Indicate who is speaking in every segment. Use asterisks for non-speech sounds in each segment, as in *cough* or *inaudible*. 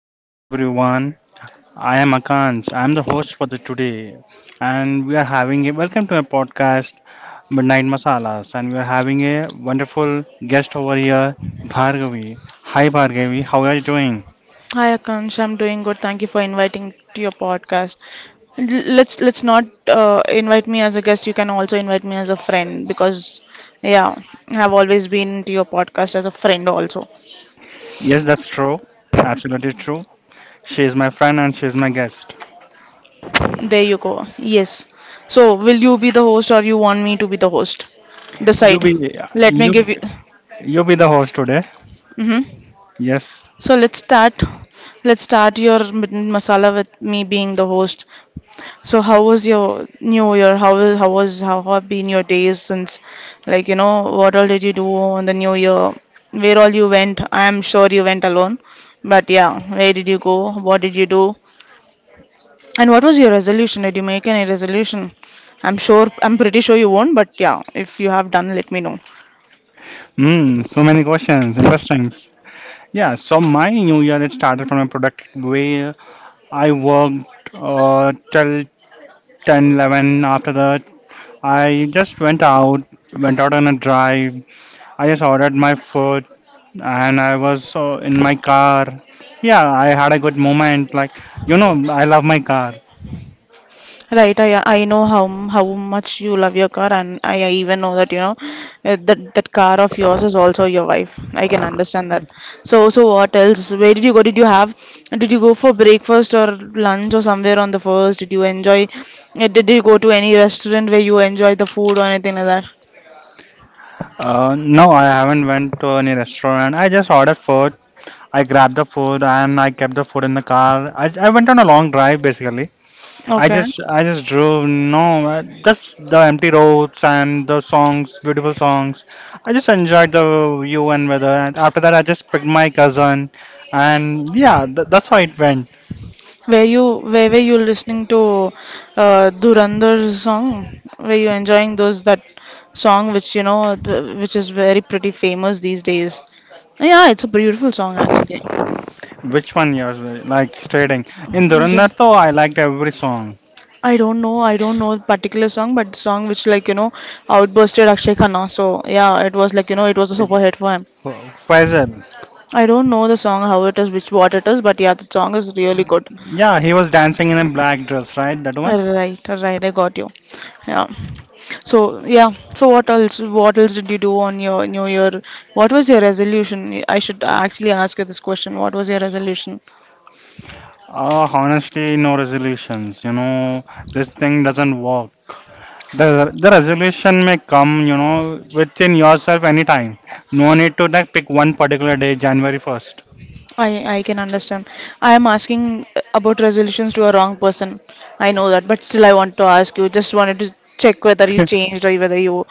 Speaker 1: good evening everyone. I am Akansh. I am the host for the today, and we are having a welcome to my podcast Midnight Masalas, and we are having a wonderful guest over here, Bhargavi. Hi Bhargavi, how are you doing?
Speaker 2: Hi Akansh, I'm doing good. Thank you for inviting to your podcast. And let's not invite me as a guest. You can also invite me as a friend because yeah, I've always been to your podcast as a friend also.
Speaker 1: Yes, that's true. Absolutely true. She is my friend and she is my guest.
Speaker 2: There you go. Yes. So will you be the host or you want me to be the host?
Speaker 1: You
Speaker 2: Decide.
Speaker 1: be
Speaker 2: Let me
Speaker 1: you
Speaker 2: give you.
Speaker 1: you be the host today.
Speaker 2: Hmm.
Speaker 1: Yes.
Speaker 2: So let's start. Let's start your midnight masala with me being the host. So how was your New Year? How have been your days since, what all did you do on the New Year? Where all you went? I am sure you went alone, but yeah, where did you go? What did you do? And what was your resolution? Did you make any resolution? I'm sure, I'm pretty sure you won't, but yeah, if you have done, let me know.
Speaker 1: Hmm. So many questions. Interesting. Yeah. So my new year it started from a productive way I worked till 10, 11. After that, I just went out on a drive. I just ordered my food and I was in my car. Yeah, I had a good moment. Like, you know, I love my car.
Speaker 2: Right, I know how much you love your car, and I even know that that car of yours is also your wife. I can understand that. So what else? Where did you go? Did you have? Did you go for breakfast or lunch or somewhere on the first? Did you enjoy? Did you go to any restaurant where you enjoyed the food or anything like that?
Speaker 1: No, I haven't went to any restaurant. I just ordered food. I grabbed the food and I kept the food in the car. I went on a long drive basically. I
Speaker 2: Okay.
Speaker 1: just I just drove no just the empty roads and the songs beautiful songs I just enjoyed the view and weather and after that I just picked my cousin and yeah that's how it went.
Speaker 2: Where you where were you listening to Dhurandhar's song? Were you enjoying those that song which which is very pretty famous these days? Yeah, it's a beautiful song actually.
Speaker 1: Which one yours were, like stating in Durandar
Speaker 2: The-
Speaker 1: I liked every song.
Speaker 2: I don't know the particular song, but the song which outbursted Akshay Khanna. So yeah, it was it was a
Speaker 1: It,
Speaker 2: super hit for him.
Speaker 1: Faisal,
Speaker 2: I don't know the song how it is, which what it is, but yeah, the song is really good.
Speaker 1: yeah, he was dancing in a black dress, right? That one.
Speaker 2: Right, right, I got you. Yeah. So yeah. So what else? What else did you do on your New Year? What was your resolution? I should actually ask you this question. What was your resolution?
Speaker 1: Uh, honestly no resolutions, you know, this thing doesn't work. The resolution may come, you know, within yourself anytime. No need to like pick one particular day, January 1st.
Speaker 2: I can understand. I am asking about resolutions to a wrong person. I know that, but still I want to ask you. Just wanted to check whether you
Speaker 1: *laughs*
Speaker 2: changed or whether you were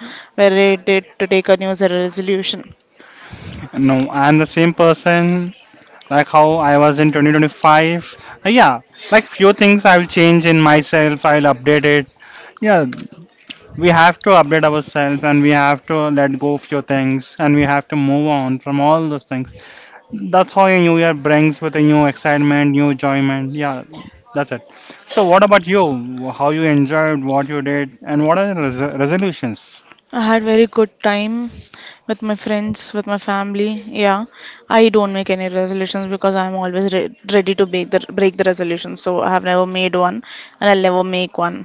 Speaker 2: ready to take a New Year resolution.
Speaker 1: No, I'm the same person like how I was in 2025. Yeah, like few things I'll change in myself, I'll update it. Yeah, we have to update ourselves and we have to let go few things and we have to move on from all those things. That's how a new year brings with a new excitement, new enjoyment. Yeah, that's it. So, what about you? How you enjoyed what you did, and what are the resolutions?
Speaker 2: I had very good time with my friends, with my family. Yeah, I don't make any resolutions because I'm always re ready to break the resolution. So I have never made one, and I'll never make one.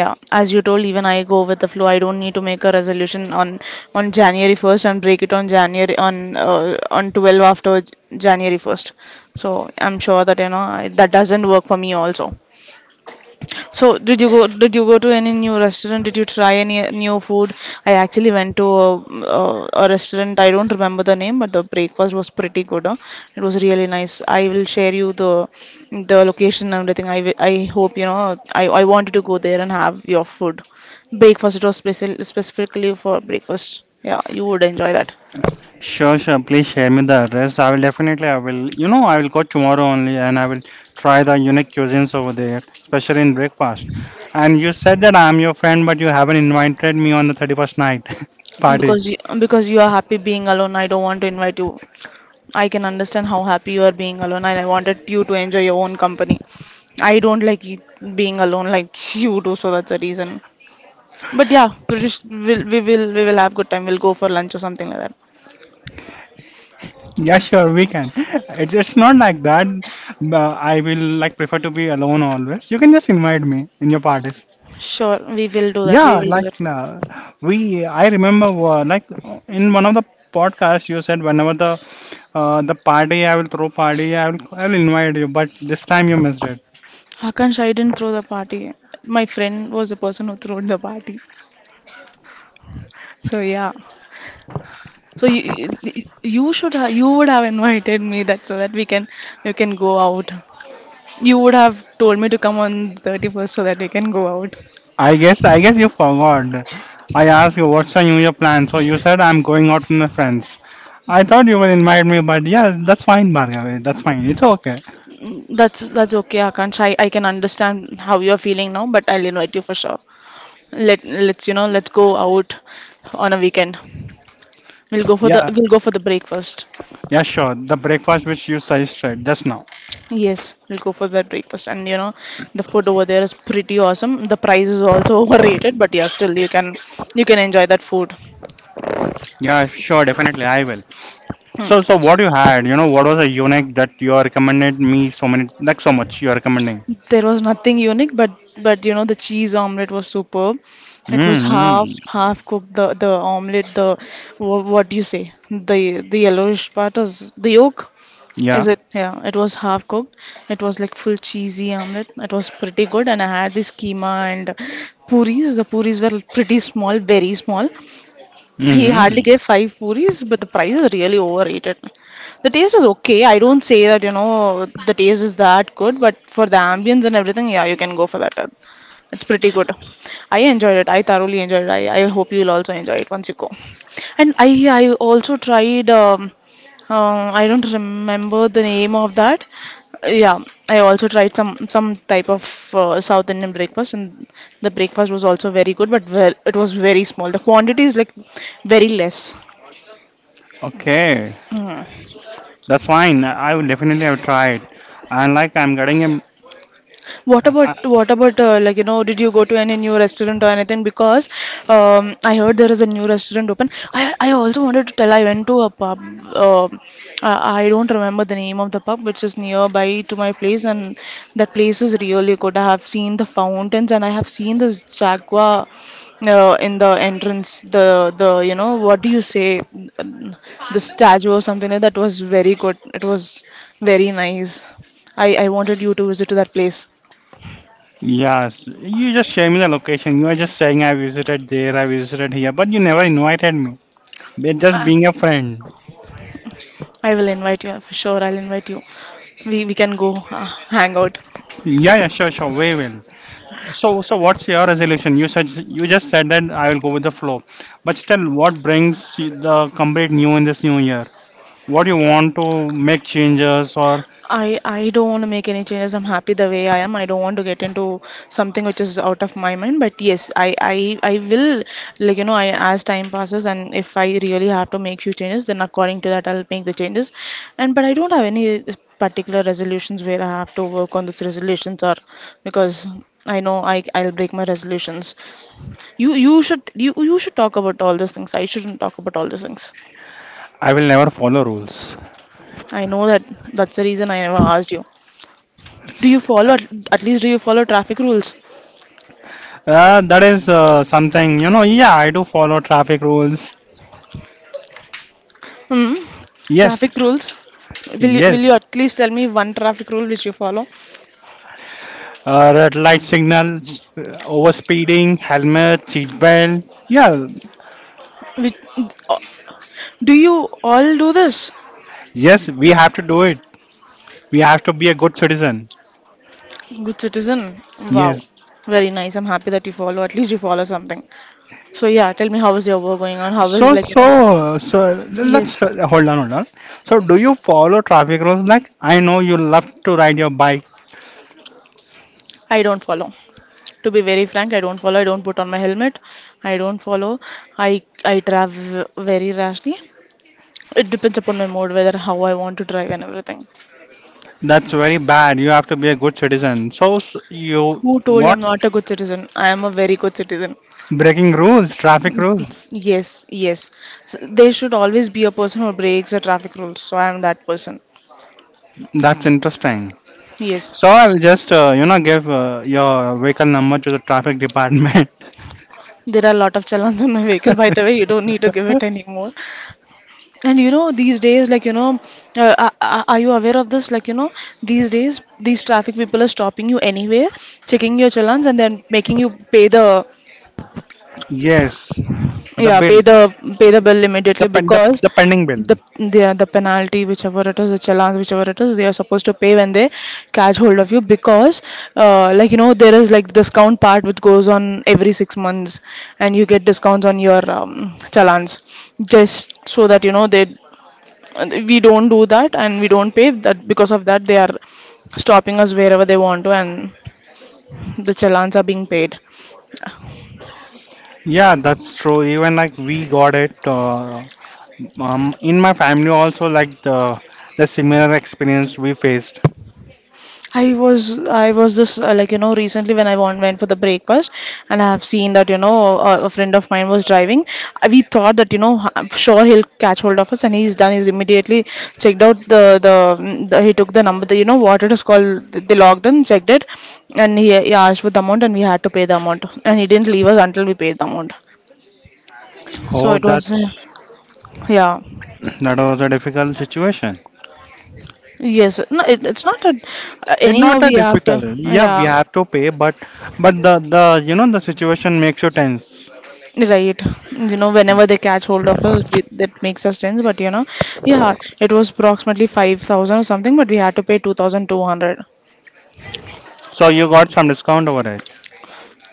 Speaker 2: Yeah, as you told, even I go with the flow. I don't need to make a resolution on January 1st and break it on January on 12 after January 1st. So I'm sure that you know I, that doesn't work for me also. So, did you go? Did you go to any new restaurant? Did you try any new food? I actually went to a restaurant. I don't remember the name, but the breakfast was pretty good. Huh? It was really nice. I will share you the location and everything. I hope you know. I wanted to go there and have your food. Breakfast. It was special specifically for breakfast. Yeah, you would enjoy that
Speaker 1: Sure, sure. Please share me the address. I will, definitely. I will. You know, I will go tomorrow only, and I will try the unique cuisines over there, especially in breakfast. And you said that I am your friend, but you haven't invited me on the 31st night *laughs* party.
Speaker 2: because because you are happy being alone. I don't want to invite you. I can understand how happy you are being alone, and I wanted you to enjoy your own company. I don't being alone like *laughs* you do, so that's the reason. But yeah, we will have good time. We'll go for lunch or something like that.
Speaker 1: Yeah, sure, we can. It's not like that. I will like prefer to be alone always. You can just invite me in your parties.
Speaker 2: Sure, we will do that. We
Speaker 1: Yeah,
Speaker 2: will do that.
Speaker 1: like we. I remember like in one of the podcasts you said whenever the party I will throw party, I will invite you. But this time you missed it.
Speaker 2: Akash, I didn't throw the party. My friend was the person who threw the party. So yeah. So you should ha you would have invited me that so that we can you can go out. You would have told me to come on 31st so that we can go out.
Speaker 1: I guess you forgot. I asked you what's your New Year plan. So you said I'm going out with my friends. I thought you will invite me, but yeah, that's fine, Bhargavi. That's fine. It's okay.
Speaker 2: Mm, that's okay, Akansh. I can understand how you're feeling now, but I'll invite you for sure. Let let's you know Let's go out on a weekend.
Speaker 1: Yeah.
Speaker 2: We'll go for the breakfast.
Speaker 1: Yeah, sure. The breakfast which you suggested just now.
Speaker 2: Yes, we'll go for that breakfast. And you know, the food over there is pretty awesome. The price is also *laughs* overrated, but yeah, still you can enjoy that food.
Speaker 1: Yeah, sure, definitely I will.
Speaker 2: Hmm.
Speaker 1: So, so what you had? You know, what was the unique that you are recommended me, so many, like so much you are recommending?
Speaker 2: There was nothing unique, but you know the cheese omelet was superb. It was
Speaker 1: Mm-hmm.
Speaker 2: half cooked. The omelet, the what do you say? The yellowish part is the yolk.
Speaker 1: Yeah.
Speaker 2: Is it? Yeah, it was half cooked. It was like full cheesy omelet. It was pretty good, and I had this keema and puris. The puris were pretty small, very small, he hardly
Speaker 1: Mm-hmm.
Speaker 2: gave five puris, but the price is really overrated. The taste is okay. I don't say that, you know, the taste is that good, but for the ambience and everything, yeah, you can go for that. It's pretty good. I enjoyed it. I thoroughly enjoyed it. I hope you'll also enjoy it once you go. And I also tried I don't remember the name of that. Yeah, I also tried some type of South Indian breakfast, and the breakfast was also very good, but ver it was very small. The quantity is like very less.
Speaker 1: Okay,
Speaker 2: Mm.
Speaker 1: that's fine. I will definitely have tried. And like I'm getting him.
Speaker 2: What about
Speaker 1: Uh,
Speaker 2: what about uh, like you know, did you go to any new restaurant or anything? Because I heard there is a new restaurant open. I also wanted to tell I went to a pub. Um I don't remember the name of the pub, which is nearby to my place, and that place is really good. I have seen the fountains and I have seen this jaguar in the entrance. The You know what do you say? The statue or something like that was very good. It was very nice. I wanted you to visit to that place.
Speaker 1: yes, you just share me the location. You are just saying I visited there, I visited here, but you never invited me. We're just
Speaker 2: Uh,
Speaker 1: being a friend.
Speaker 2: I will invite you for sure. I'll invite you. We can go uh, hang out.
Speaker 1: Yeah, yeah, sure, sure. We will. So, so what's your resolution? You just said that I will go with the flow, but still, what brings you the complete new in this new year? What you want to make changes, or
Speaker 2: I don't want to make any changes. I'm happy the way I am. I don't want to get into something which is out of my mind. But yes, I will like you know I as time passes and if I really have to make few changes, then according to that I'll make the changes. And but I don't have any particular resolutions where I have to work on these resolutions or because I know I'll break my resolutions. You should talk about all those things. I shouldn't talk about all those things.
Speaker 1: I will never follow rules?
Speaker 2: I know that that's the reason I never asked you. Do you follow at least do you follow traffic rules?
Speaker 1: That is something, you know. Yeah, I do follow traffic rules.
Speaker 2: Hmm.
Speaker 1: Yes,
Speaker 2: Traffic rules. Will you
Speaker 1: yes.
Speaker 2: at least tell me one traffic rule which you follow?
Speaker 1: Red light signals, over speeding, helmet, seat belt. Yeah,
Speaker 2: Which do you all do this?
Speaker 1: yes, we have to do it. We have to be a good citizen.
Speaker 2: Good citizen. Wow.
Speaker 1: Yes.
Speaker 2: Very nice. I'm happy that you follow. At least you follow something. So yeah, tell me how is your work going on? How is
Speaker 1: So,
Speaker 2: like you know?
Speaker 1: so, so let's
Speaker 2: Yes,
Speaker 1: uh, hold on, hold on. So, do you follow traffic rules? Like, I know you love to ride your bike.
Speaker 2: I don't follow. To be very frank, I don't follow. I don't put on my helmet. I don't follow. I drive very rashly. It depends upon my mood, whether how I want to drive and everything.
Speaker 1: That's very bad. You have to be a good citizen. So, s you
Speaker 2: Who told I'm
Speaker 1: what?
Speaker 2: not a good citizen? I am a very good citizen.
Speaker 1: Breaking rules, traffic rules.
Speaker 2: Yes, yes. So there should always be a person who breaks the traffic rules. So I am that person.
Speaker 1: That's interesting.
Speaker 2: Yes.
Speaker 1: So, I will just you know, give your vehicle number to the traffic department. *laughs*
Speaker 2: There are a lot of challans on my vehicle, by the way. You don't need to give it anymore. And you know, these days, are you aware of this? These days, these traffic people are stopping you anywhere, checking your challans, and then making you pay the,
Speaker 1: Yes, the
Speaker 2: yeah,
Speaker 1: bill,
Speaker 2: pay the bill
Speaker 1: the,
Speaker 2: immediately
Speaker 1: pen,
Speaker 2: because
Speaker 1: the pending bill.
Speaker 2: the the penalty, whichever it is, the challans, whichever it is, they are supposed to pay when they catch hold of you because, there is like discount part which goes on every 6 months, and you get discounts on your challans just so that you know they, and we don't do that and we don't pay that, because of that they are stopping us wherever they want to, and the challans are being paid.
Speaker 1: Yeah, that's true. Even like we got it. In my family also like the similar experience we faced.
Speaker 2: I was just like you know Recently when I went for the breakfast and I have seen that you know a friend of mine was driving. We thought that you know I'm sure he'll catch hold of us and he's done. He's immediately checked out the, he took the number. You know what it is called. They logged in, checked it, and he asked for the amount and we had to pay the amount and he didn't leave us until we paid the amount. So
Speaker 1: Oh,
Speaker 2: it was,
Speaker 1: that's,
Speaker 2: yeah,
Speaker 1: that was a difficult situation.
Speaker 2: yes. No, it's not that.
Speaker 1: It's
Speaker 2: Anyhow,
Speaker 1: not a
Speaker 2: we have to,
Speaker 1: difficult. Yeah, we
Speaker 2: yeah,
Speaker 1: have to pay, but the you know the situation makes you tense.
Speaker 2: right. You know, whenever they catch hold of us, that makes us tense. But yeah, it was approximately 5,000 or something, but we had to pay 2,200.
Speaker 1: So you got some discount over it.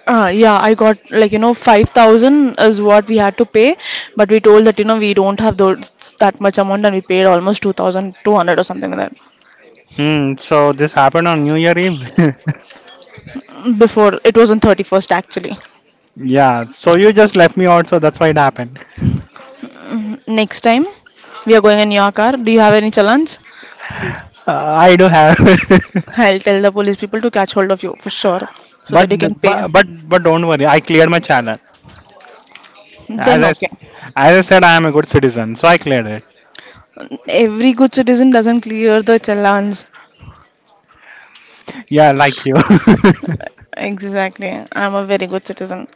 Speaker 2: Yeah, I got like 5,000 is what we had to pay, but we told that we don't have those that much amount, and we paid almost 2,200 or something like
Speaker 1: Hmm. So this happened on New Year Eve.
Speaker 2: that. Before it was on 31st actually.
Speaker 1: *laughs* Yeah. So you just left me out. So that's why it happened. *laughs*
Speaker 2: Next time we are going in your car, do you have any challenge?
Speaker 1: I do have. *laughs*
Speaker 2: I'll tell the police people to catch hold of you for sure so
Speaker 1: But,
Speaker 2: that you can pay.
Speaker 1: but don't worry, I cleared my channel. As
Speaker 2: Then,
Speaker 1: I, s-
Speaker 2: okay.
Speaker 1: as I said, I am a good citizen, so I cleared it.
Speaker 2: Every good citizen doesn't clear the challenge.
Speaker 1: Yeah, like you. *laughs*
Speaker 2: Exactly. I'm a very good citizen.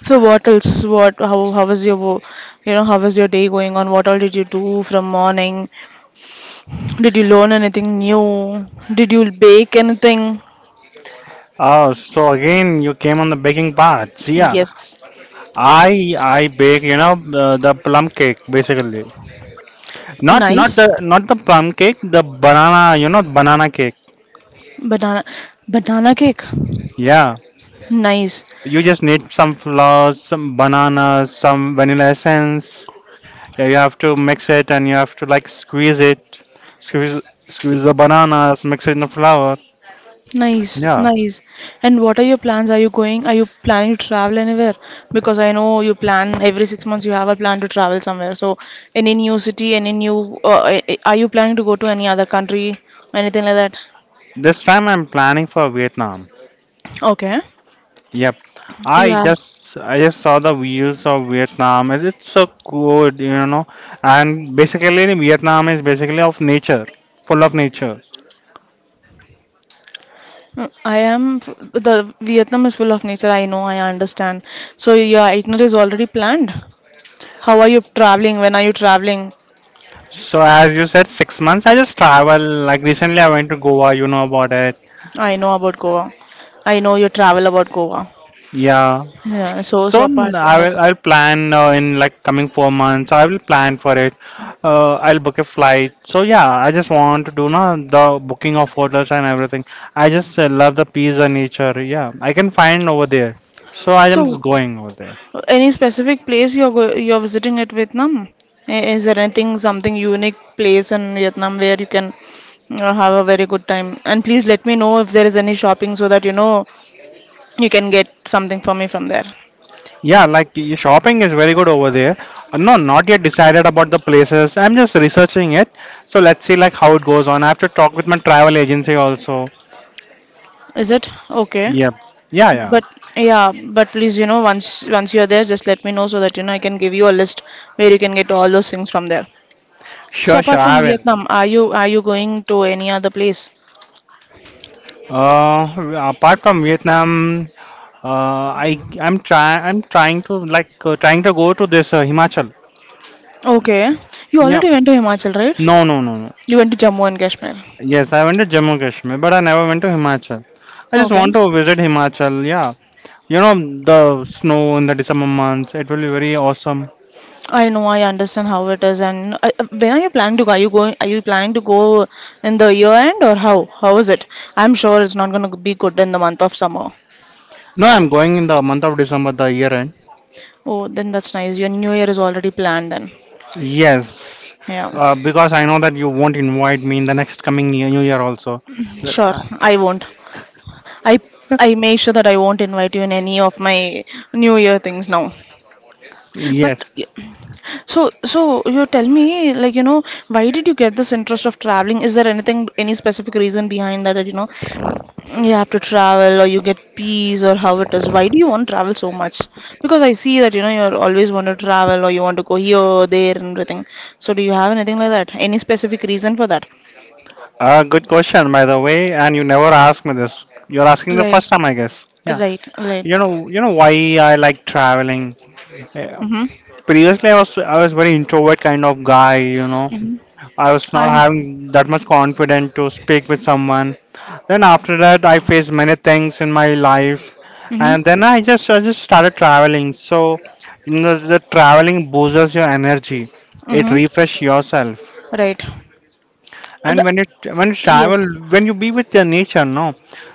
Speaker 2: So what else? What? How was your, wo- you know, how was your day going on? What all did you do from morning? Did you learn anything new? Did you bake anything?
Speaker 1: Oh, so again you came on the baking part. So yeah,
Speaker 2: Yes.
Speaker 1: I bake, you know, the plum cake basically. Not not
Speaker 2: Nice.
Speaker 1: the not the plum cake, the banana, you know, banana cake.
Speaker 2: Banana, banana cake.
Speaker 1: Yeah.
Speaker 2: Nice.
Speaker 1: You just need some flour, some bananas, some vanilla essence. Yeah, you have to mix it and you have to like squeeze it. Squeeze squeeze the bananas, mix it in the flour.
Speaker 2: Nice,
Speaker 1: Yeah.
Speaker 2: nice. And what are your plans? Are you going? Are you planning to travel anywhere? Because I know you plan every 6 months you have a plan to travel somewhere. So, any new city, any new, are you planning to go to any other country, anything like that?
Speaker 1: This time I'm planning for Vietnam.
Speaker 2: Okay.
Speaker 1: Yep.
Speaker 2: You
Speaker 1: I
Speaker 2: have.
Speaker 1: just I just saw the views of Vietnam and it's so good, you know. And basically Vietnam is basically of nature, full of nature.
Speaker 2: Mm, I am. The Vietnam is full of nature. I know. I understand. So your itinerary is already planned. How are you traveling? When are you traveling?
Speaker 1: So as you said, 6 months I just travel. Like recently I went to Goa, you know about it.
Speaker 2: I know about Goa. I know you travel about Goa.
Speaker 1: Yeah.
Speaker 2: Yeah. So
Speaker 1: So
Speaker 2: apart
Speaker 1: I
Speaker 2: from that.
Speaker 1: will I'll plan in like coming 4 months. I will plan for it. I'll book a flight. So yeah, I just want to do now the booking of hotels and everything. I just love the peace and nature. Yeah, I can find over there. So I am just
Speaker 2: So,
Speaker 1: going over there.
Speaker 2: any specific place you're visiting at Vietnam? Is there anything, something unique place in Vietnam where you can have a very good time? And please let me know if there is any shopping so that you can get something for me from there.
Speaker 1: Yeah, like shopping is very good over there. No, not yet decided about the places. I'm just researching it. So let's see like how it goes on. I have to talk with my travel agency also.
Speaker 2: Is it okay?
Speaker 1: Yep. Yeah, yeah.
Speaker 2: But yeah, but please, once you're there, just let me know so that I can give you a list where you can get all those things from there. So
Speaker 1: Sure, sure.
Speaker 2: apart from
Speaker 1: I will.
Speaker 2: Vietnam, are you going to any other place?
Speaker 1: Apart from Vietnam, I'm trying to like trying to go to this Himachal.
Speaker 2: Okay, you
Speaker 1: Yep.
Speaker 2: already went to Himachal, right?
Speaker 1: No, no, no, no.
Speaker 2: You went to Jammu and Kashmir.
Speaker 1: Yes, I went to Jammu Kashmir, but I never went to Himachal. I just
Speaker 2: Okay,
Speaker 1: want to visit Himachal. Yeah. You know the snow in the December months. It will be very awesome.
Speaker 2: I know, I understand how it is. And when are you planning to go? Are you going? Are you planning to go in the year end or how? How is it? I'm sure it's not going to be good in the month of summer.
Speaker 1: No, I'm going in the month of December, the year end.
Speaker 2: Oh, then that's nice. Your new year is already planned then.
Speaker 1: Yes.
Speaker 2: Yeah,
Speaker 1: Because I know that you won't invite me in the next coming year, New Year also.
Speaker 2: sure.
Speaker 1: Uh,
Speaker 2: I won't. I I make sure that I won't invite you in any of my new year things now. But
Speaker 1: yes.
Speaker 2: So you tell me like why did you get this interest of traveling? Is there anything any specific reason behind that that you have to travel or you get peace or how it is, why do you want to travel so much, because I see that you're always want to travel or you want to go here there and everything, so do you have anything like that, any specific reason for that?
Speaker 1: Good question, by the way, and you never asked me this. You're asking the
Speaker 2: Right,
Speaker 1: first time, I guess. Yeah,
Speaker 2: right, right.
Speaker 1: you know why I like traveling. Yeah.
Speaker 2: Mm-hmm.
Speaker 1: Previously, I was very introvert kind of guy. You know,
Speaker 2: Mm-hmm.
Speaker 1: I was not
Speaker 2: I'm
Speaker 1: having that much confidence to speak with someone. Then after that, I faced many things in my life,
Speaker 2: Mm-hmm.
Speaker 1: and then I just started traveling. So, you know, the traveling boosts your energy. It
Speaker 2: Mm-hmm.
Speaker 1: refresh yourself.
Speaker 2: Right. And- uh,
Speaker 1: And when it when you travel,
Speaker 2: yes.
Speaker 1: when you be with the nature, no,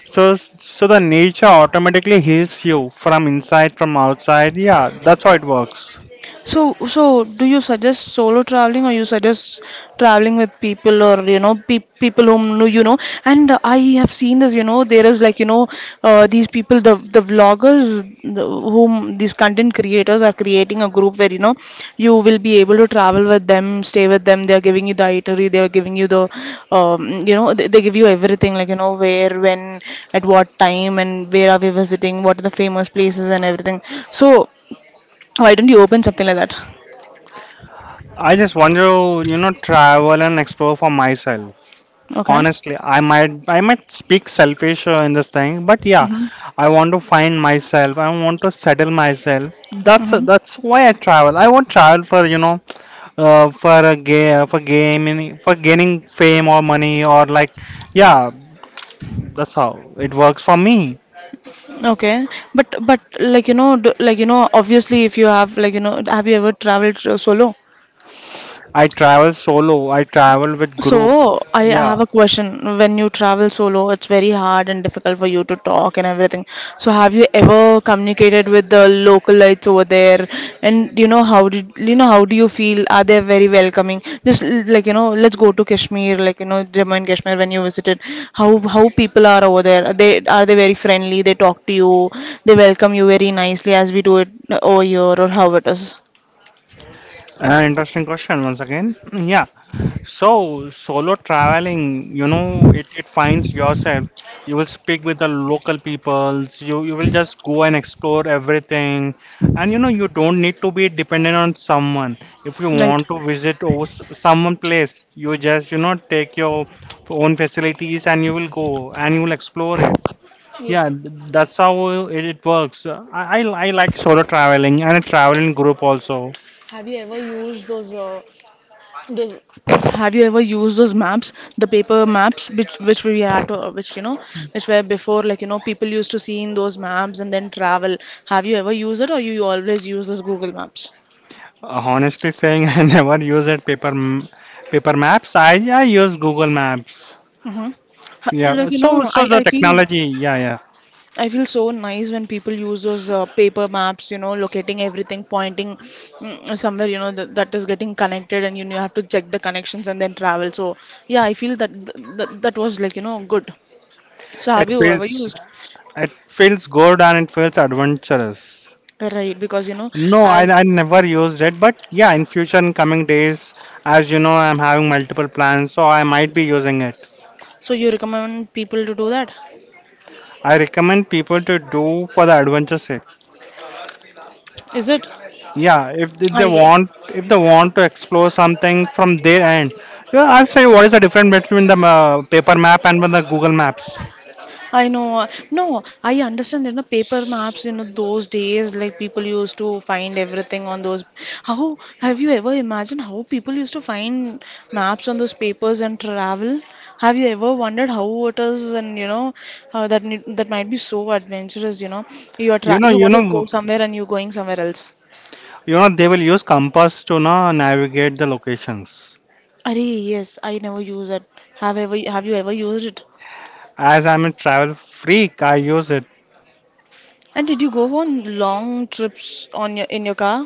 Speaker 1: so so the nature automatically heals you from inside, from outside. Yeah, that's how it works.
Speaker 2: So do you suggest solo traveling, or you suggest traveling with people, or you know pe people, you know? And I have seen this, there is these people, the vloggers, whom these content creators are creating a group where you will be able to travel with them, stay with them. They are giving you the itinerary, they are giving you the they give you everything like where, when, at what time, and where are we visiting, what are the famous places and everything. So. Why don't you open something like that?
Speaker 1: I just want to, you know, travel and explore for myself.
Speaker 2: Okay.
Speaker 1: Honestly, I might speak selfish in this thing, but yeah,
Speaker 2: Mm-hmm.
Speaker 1: I want to find myself. I want to settle myself. That's
Speaker 2: Mm-hmm.
Speaker 1: that's why I travel. I won't travel for you know for a game for gaming for gaining fame or money or like yeah. That's how it works for me.
Speaker 2: Okay. But like obviously if you have have you ever traveled solo?
Speaker 1: I travel solo, I travel with
Speaker 2: So,
Speaker 1: group.
Speaker 2: I
Speaker 1: Yeah.
Speaker 2: have a question. When you travel solo, it's very hard and difficult for you to talk and everything. So, have you ever communicated with the localites over there? And how did you know how do you feel? Are they very welcoming? Just let's go to Kashmir, Jammu and Kashmir when you visited. How how people are over there? Are they very friendly? They talk to you. They welcome you very nicely as we do it over here, or how it is,
Speaker 1: Interesting question once again. Mm, yeah. So solo traveling, you know, it finds yourself. You will speak with the local peoples. You will just go and explore everything. And you know, you don't need to be dependent on someone. If you
Speaker 2: right?
Speaker 1: want to visit over someone place, you just, you know, take your own facilities and you will go and you will explore it. Yeah,
Speaker 2: Yes.
Speaker 1: that's how it works. I like solo traveling and a traveling group also.
Speaker 2: Have you ever used those? There's Have you ever used those maps, the paper maps, which we had, which were before, people used to see in those maps and then travel. Have you ever used it, or you always use this Google Maps?
Speaker 1: Honestly saying, *laughs* I never use that paper maps. I use Google Maps.
Speaker 2: Mm-hmm.
Speaker 1: Yeah,
Speaker 2: Like you
Speaker 1: so
Speaker 2: know,
Speaker 1: so
Speaker 2: I
Speaker 1: the
Speaker 2: I feel
Speaker 1: technology, yeah, yeah.
Speaker 2: I feel so nice when people use those paper maps, locating everything, pointing somewhere, that is getting connected, and you have to check the connections and then travel. So yeah, I feel that that was good. So have
Speaker 1: It
Speaker 2: you ever
Speaker 1: feels
Speaker 2: used?
Speaker 1: it feels good and it feels adventurous.
Speaker 2: Right, because you know,
Speaker 1: No,
Speaker 2: I'll,
Speaker 1: I never used it, but yeah, in future, in coming days, as you know, I'm having multiple plans, so I might be using it.
Speaker 2: so you recommend people to do that?
Speaker 1: I recommend people to do for the adventure sake.
Speaker 2: Is it?
Speaker 1: Yeah, if th- they
Speaker 2: I
Speaker 1: want if they want to explore something from their end. Yeah, I'll say, what is the difference between the paper map and the Google Maps?
Speaker 2: I know. No, I understand. You know, paper maps. You know, those days, like people used to find everything on those. How have you ever imagined how people used to find maps on those papers and travel? Have you ever wondered how it is, and that might be so adventurous. You know, you are
Speaker 1: you
Speaker 2: tra
Speaker 1: know
Speaker 2: you
Speaker 1: you
Speaker 2: want to go
Speaker 1: know
Speaker 2: somewhere and you're going somewhere else.
Speaker 1: you know they will use compass to know, navigate the locations.
Speaker 2: Arey, yes, I never use it. Have you ever used it?
Speaker 1: As I'm a travel freak, I use it.
Speaker 2: And did you go on long trips on your in your car?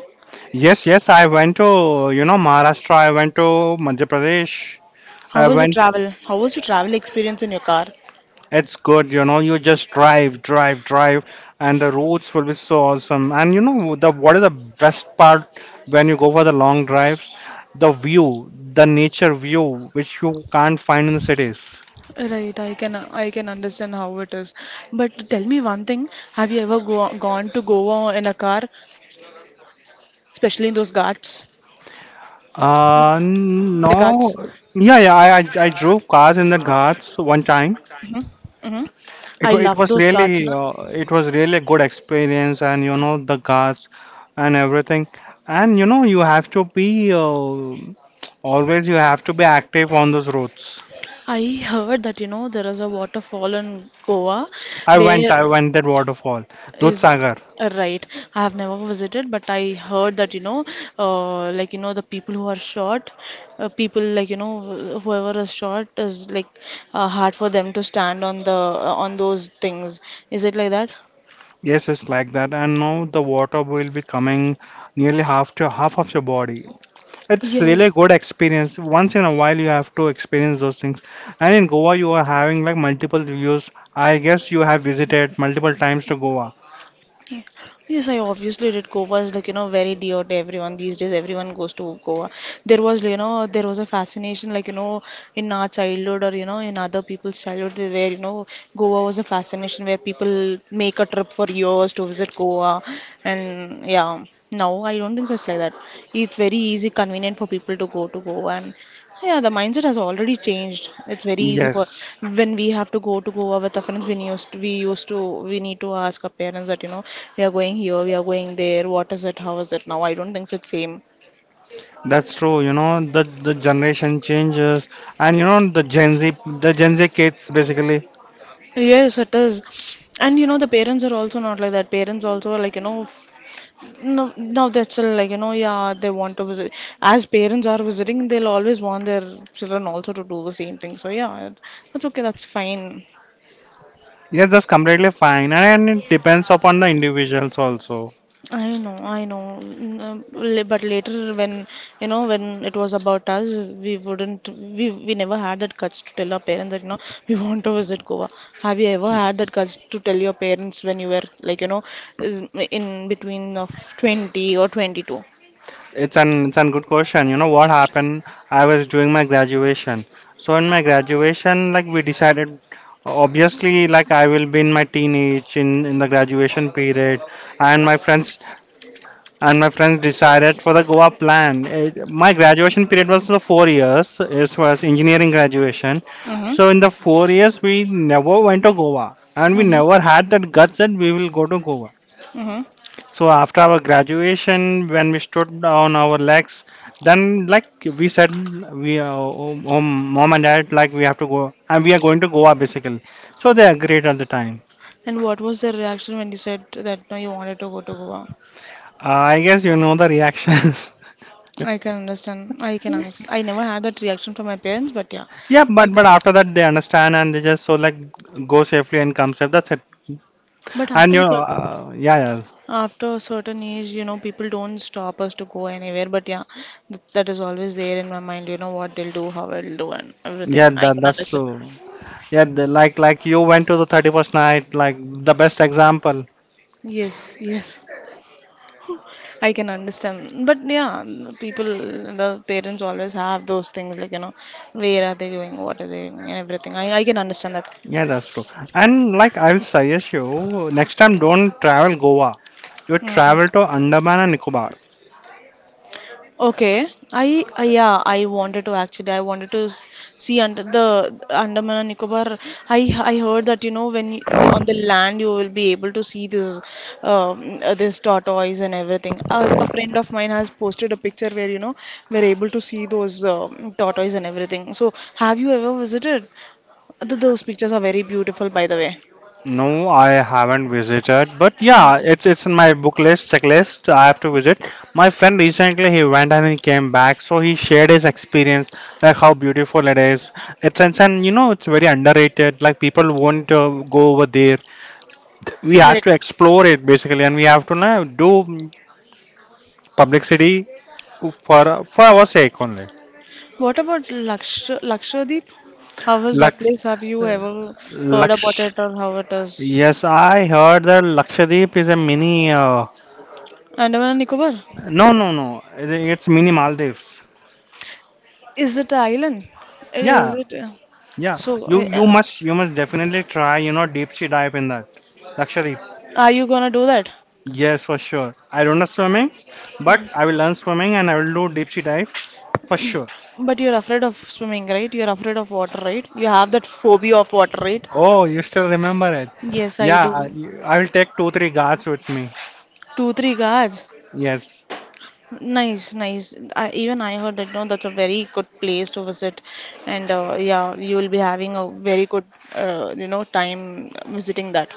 Speaker 1: Yes, yes, I went to, you know, Maharashtra, I went to Madhya Pradesh.
Speaker 2: How
Speaker 1: I
Speaker 2: was your
Speaker 1: went
Speaker 2: travel? How was your travel experience in your car?
Speaker 1: It's good, you know, you just drive, drive, drive, and the roads will be so awesome. And you know, the what is the best part when you go for the long drives? The view, the nature view, which you can't find in the cities.
Speaker 2: Right, I can understand how it is. But tell me one thing, have you ever gone to Goa in a car, especially in those Ghats, Mm, the Ghats?
Speaker 1: No, yeah, yeah, I drove cars in the Ghats one time.
Speaker 2: Mm-hmm. Mm-hmm. I
Speaker 1: It, wa-
Speaker 2: love
Speaker 1: it
Speaker 2: those
Speaker 1: was
Speaker 2: Ghats, na?
Speaker 1: really uh, it was really a good experience, and you know, the guards and everything. And you know, you have to be, always you have to be active on those roads.
Speaker 2: I heard that there is a waterfall in Goa. Where
Speaker 1: I went that waterfall, Dudh.
Speaker 2: is Right. I have never visited, but I heard that the people who are short, people whoever is short is hard for them to stand on the on those things. Is it like that?
Speaker 1: Yes, it's like that, and now the water will be coming nearly half to half of your body. It's really a
Speaker 2: Yes,
Speaker 1: good experience. Once in a while you have to experience those things. And in Goa you are having like multiple views. I guess you have visited multiple times to Goa.
Speaker 2: yeah. Yes, I obviously did. Goa is very dear to everyone these days. Everyone goes to Goa. There was a fascination, in our childhood, or, in other people's childhood, where, Goa was a fascination where people make a trip for years to visit Goa. And yeah, now I don't think so, it's like that. It's very easy, convenient for people to go to Goa. And yeah, the mindset has already changed. It's very easy for
Speaker 1: Yes,
Speaker 2: when we have to go to Goa with our friends. We need to ask our parents that we are going here, we are going there. What is it? How is it? Now I don't think so. It's same.
Speaker 1: that's true. You know, the generation changes, and you know, the Gen Z kids basically.
Speaker 2: Yes, it is. And you know the parents are also not like that. Parents also are No, now they're still yeah, they want to visit. As parents are visiting, they'll always want their children also to do the same thing. So, yeah, that's okay, that's fine.
Speaker 1: Yeah, that's completely fine, and it depends upon the individuals also.
Speaker 2: I know, I know. But later, when when it was about us, we never had that courage to tell our parents that *laughs* we want to visit Goa. Have you ever had that courage to tell your parents when you were is- in between of 20 or 22?
Speaker 1: It's an good question. You know what happened? I was doing my graduation, so in my graduation, like, we decided, obviously, like, I will be in my teenage in the graduation period, and my friends decided for the Goa plan. It, my graduation period was the 4 years. It was engineering graduation.
Speaker 2: Mm-hmm.
Speaker 1: So in the 4 years, we never went to Goa, and we
Speaker 2: Mm-hmm.
Speaker 1: never had that guts that we will go to Goa.
Speaker 2: Mm-hmm.
Speaker 1: So after our graduation, when we stood on our legs, then, like, we said, oh, mom and dad, like, we have to go, and we are going to Goa basically. So they agreed at the time.
Speaker 2: And what was their reaction when you said that no, you wanted to go to Goa?
Speaker 1: I guess you know the reactions. *laughs*
Speaker 2: I can understand. I can understand. I never had that reaction from my parents, but yeah,
Speaker 1: Yeah,
Speaker 2: I
Speaker 1: but
Speaker 2: can.
Speaker 1: after that they understand, and they just so, like, go safely and come safe. That's it.
Speaker 2: But
Speaker 1: And
Speaker 2: after
Speaker 1: you,
Speaker 2: a certain after a certain age, people don't stop us to go anywhere. But yeah, th that is always there in my mind. You know what they'll do, how I'll do, and
Speaker 1: yeah,
Speaker 2: everything. I
Speaker 1: That
Speaker 2: can
Speaker 1: that's
Speaker 2: understand.
Speaker 1: true. Yeah, the, like you went to the 31st night. Like, the best example.
Speaker 2: Yes, yes, I can understand. But yeah, the people, the parents always have those things like you know, where are they going, what are they doing, and everything. I can understand that.
Speaker 1: Yeah, that's true. And like, I will suggest you, next time don't travel Goa. You
Speaker 2: Mm.
Speaker 1: travel to Andaman and Nicobar.
Speaker 2: Okay, I wanted to actually I wanted to s- see under the Andaman and Nicobar. I heard that you know when you, the, on the land you will be able to see this this tortoise and everything. A friend of mine has posted a picture where you know we're able to see those tortoise and everything. So have you ever visited? Th those pictures are very beautiful, by the way.
Speaker 1: No, I haven't visited, but yeah, it's in my book list, checklist. I have to visit. My friend recently, he went and he came back, so he shared his experience, like, how beautiful it is. And you know, it's very underrated. Like, people won't go over there. We have
Speaker 2: Yeah.
Speaker 1: to explore it basically, and we have to, do publicity for our sake only.
Speaker 2: What about Lakshadweep? How was that
Speaker 1: Like,
Speaker 2: place? Have you ever heard about
Speaker 1: Laksh.
Speaker 2: it or how it is?
Speaker 1: Yes, I heard that Lakshadweep is a mini,
Speaker 2: Andaman and Nicobar?
Speaker 1: no, no, no. It's mini Maldives.
Speaker 2: Is it an island? Is
Speaker 1: Yeah,
Speaker 2: it?
Speaker 1: yeah.
Speaker 2: So,
Speaker 1: You
Speaker 2: uh,
Speaker 1: you must you must definitely try, you know, deep sea dive in that. Lakshadweep.
Speaker 2: are you gonna do that?
Speaker 1: Yes, for sure. I don't know swimming, but I will learn swimming and I will do deep sea dive for sure.
Speaker 2: But you're afraid of swimming, right? You're afraid of water, right? You have that phobia of water, right?
Speaker 1: Oh, you still remember it?
Speaker 2: Yes, I
Speaker 1: Yeah,
Speaker 2: do.
Speaker 1: I will take two, three guards with me.
Speaker 2: Two, three guards.
Speaker 1: Yes.
Speaker 2: Nice, nice. I, even I heard that, no, that's a very good place to visit, and yeah, you will be having a very good time visiting that.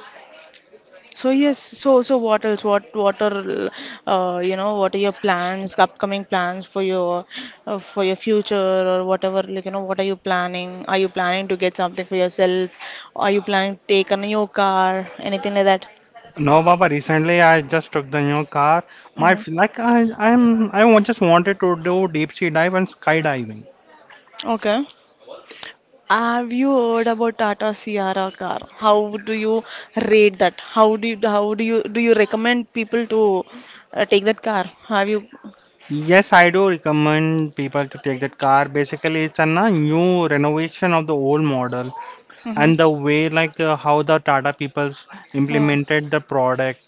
Speaker 2: So yes, so what else? What are your plans, upcoming plans for your future or whatever? Like, you know, what are you planning? Are you planning to get something for yourself? Are you planning to take a new car? Anything like that?
Speaker 1: No, Baba, recently I just took the new car. My
Speaker 2: Hmm.
Speaker 1: f- like I I'm I wa- just wanted to do deep sea dive and skydiving.
Speaker 2: Okay. Have you heard about Tata Sierra car? How do you rate that? How do you recommend people to take that car? Have you?
Speaker 1: Yes, I do recommend people to take that car. Basically, it's a new renovation of the old model,
Speaker 2: Mm-hmm.
Speaker 1: and the way like, how the Tata peoples
Speaker 2: Mm-hmm.
Speaker 1: implemented the product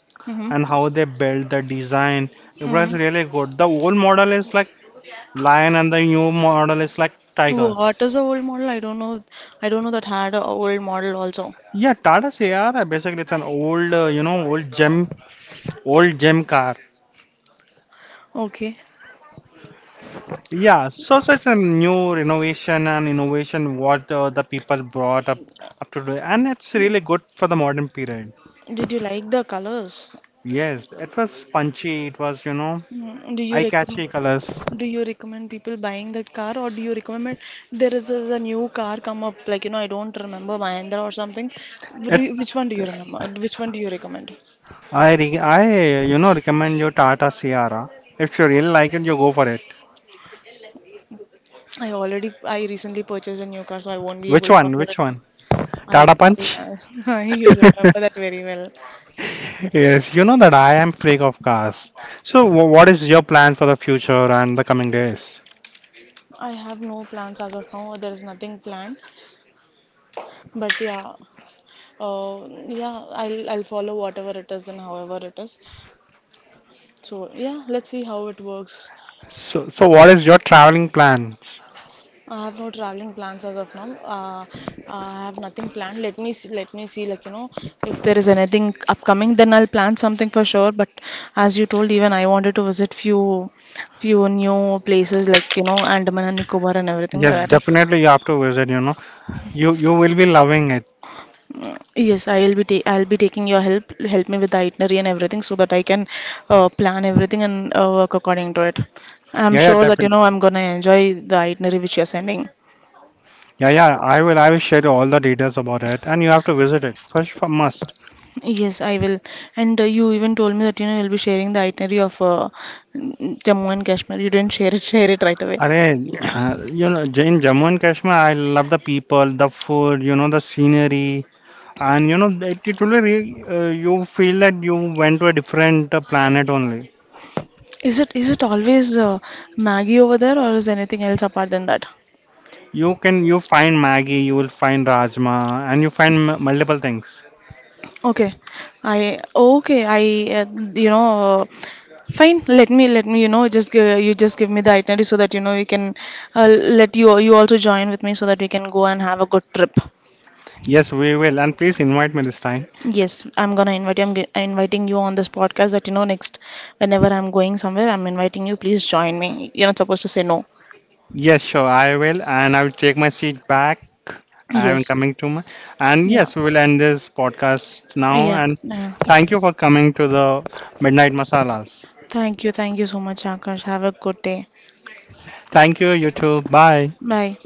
Speaker 1: and how they built the design. It was
Speaker 2: Mm-hmm.
Speaker 1: really good. The old model is like lion and the new model is like tiger.
Speaker 2: What is the old model? I don't know. I don't know that had a old model also.
Speaker 1: Yeah, Tata CR, basically it's an old, you know, old gem car.
Speaker 2: Okay.
Speaker 1: Yeah, so it's a new renovation and innovation, what the people brought up to do, and it's really good for the modern period.
Speaker 2: Did you like the colors?
Speaker 1: Yes, it was punchy. It was, you know,
Speaker 2: Mm. Do you recommend?
Speaker 1: eye-catchy colors.
Speaker 2: Do you recommend people buying that car, or do you recommend there is a new car come up? Like, you know, I don't remember Mahindra or something. Do
Speaker 1: It
Speaker 2: you, which one do you remember? Which one do you recommend?
Speaker 1: I re I you know, recommend you Tata Sierra. If you really like it, you go for it.
Speaker 2: I recently purchased a new car, so I won't be
Speaker 1: Which
Speaker 2: able to
Speaker 1: one?
Speaker 2: afford it
Speaker 1: Which
Speaker 2: now.
Speaker 1: one? Tata
Speaker 2: I,
Speaker 1: Punch.
Speaker 2: yeah, *laughs* you
Speaker 1: *laughs*
Speaker 2: remember that very well.
Speaker 1: Yes, you know that I am freak of cars. So what is your plan for the future and the coming days?
Speaker 2: I have no plans as of now. There is nothing planned, but yeah, I'll follow whatever it is and however it is. So yeah, let's see how it works.
Speaker 1: So, so what is your traveling plans?
Speaker 2: I have no traveling plans as of now. I have nothing planned. Let me see, like you know, if there is anything upcoming, then I'll plan something for sure. But as you told, even I wanted to visit few new places like you know Andaman and Nicobar and everything
Speaker 1: Yes,
Speaker 2: like that.
Speaker 1: definitely you have to visit, you know. You will be loving it.
Speaker 2: Mm. Yes, I'll be taking your help. Help me with the itinerary and everything so that I can plan everything and work according to it. I'm
Speaker 1: Yeah, yeah,
Speaker 2: sure that you
Speaker 1: definitely.
Speaker 2: know I'm gonna enjoy the itinerary which you're sending.
Speaker 1: Yeah, yeah, I will share all the details about it and you have to visit it. First for must.
Speaker 2: Yes, I will. And you even told me that you know you'll be sharing the itinerary of Jammu and Kashmir. You didn't *laughs* share it. Share it right away.
Speaker 1: Arey, *clears throat* you know, in Jammu and Kashmir, I love the people, the food, you know, the scenery, and you know, it will really, you feel that you went to a different planet only.
Speaker 2: Is it always Maggie over there, or is anything else apart than that?
Speaker 1: You can, you find Maggie, you will find Rajma, and you find m multiple things.
Speaker 2: Okay, okay. I you know. Uh, Fine, let me you know just give, you just give me the itinerary so that you know you can let you also join with me so that we can go and have a good trip.
Speaker 1: Yes, we will, and please invite me this time.
Speaker 2: Yes, I'm gonna invite you. Inviting you on this podcast that you know next whenever I'm going somewhere, I'm inviting you. Please join me. You're not supposed to say no.
Speaker 1: Yes, sure, I will. And I will take my seat back. I am
Speaker 2: Yes.
Speaker 1: coming to my. And yes, we
Speaker 2: Yeah.
Speaker 1: will end this podcast now.
Speaker 2: Yeah.
Speaker 1: And
Speaker 2: Yeah.
Speaker 1: thank you for coming to the Midnight Masalas.
Speaker 2: Thank you. Thank you so much, Akash. Have a good day.
Speaker 1: Thank you, you too. Bye.
Speaker 2: Bye.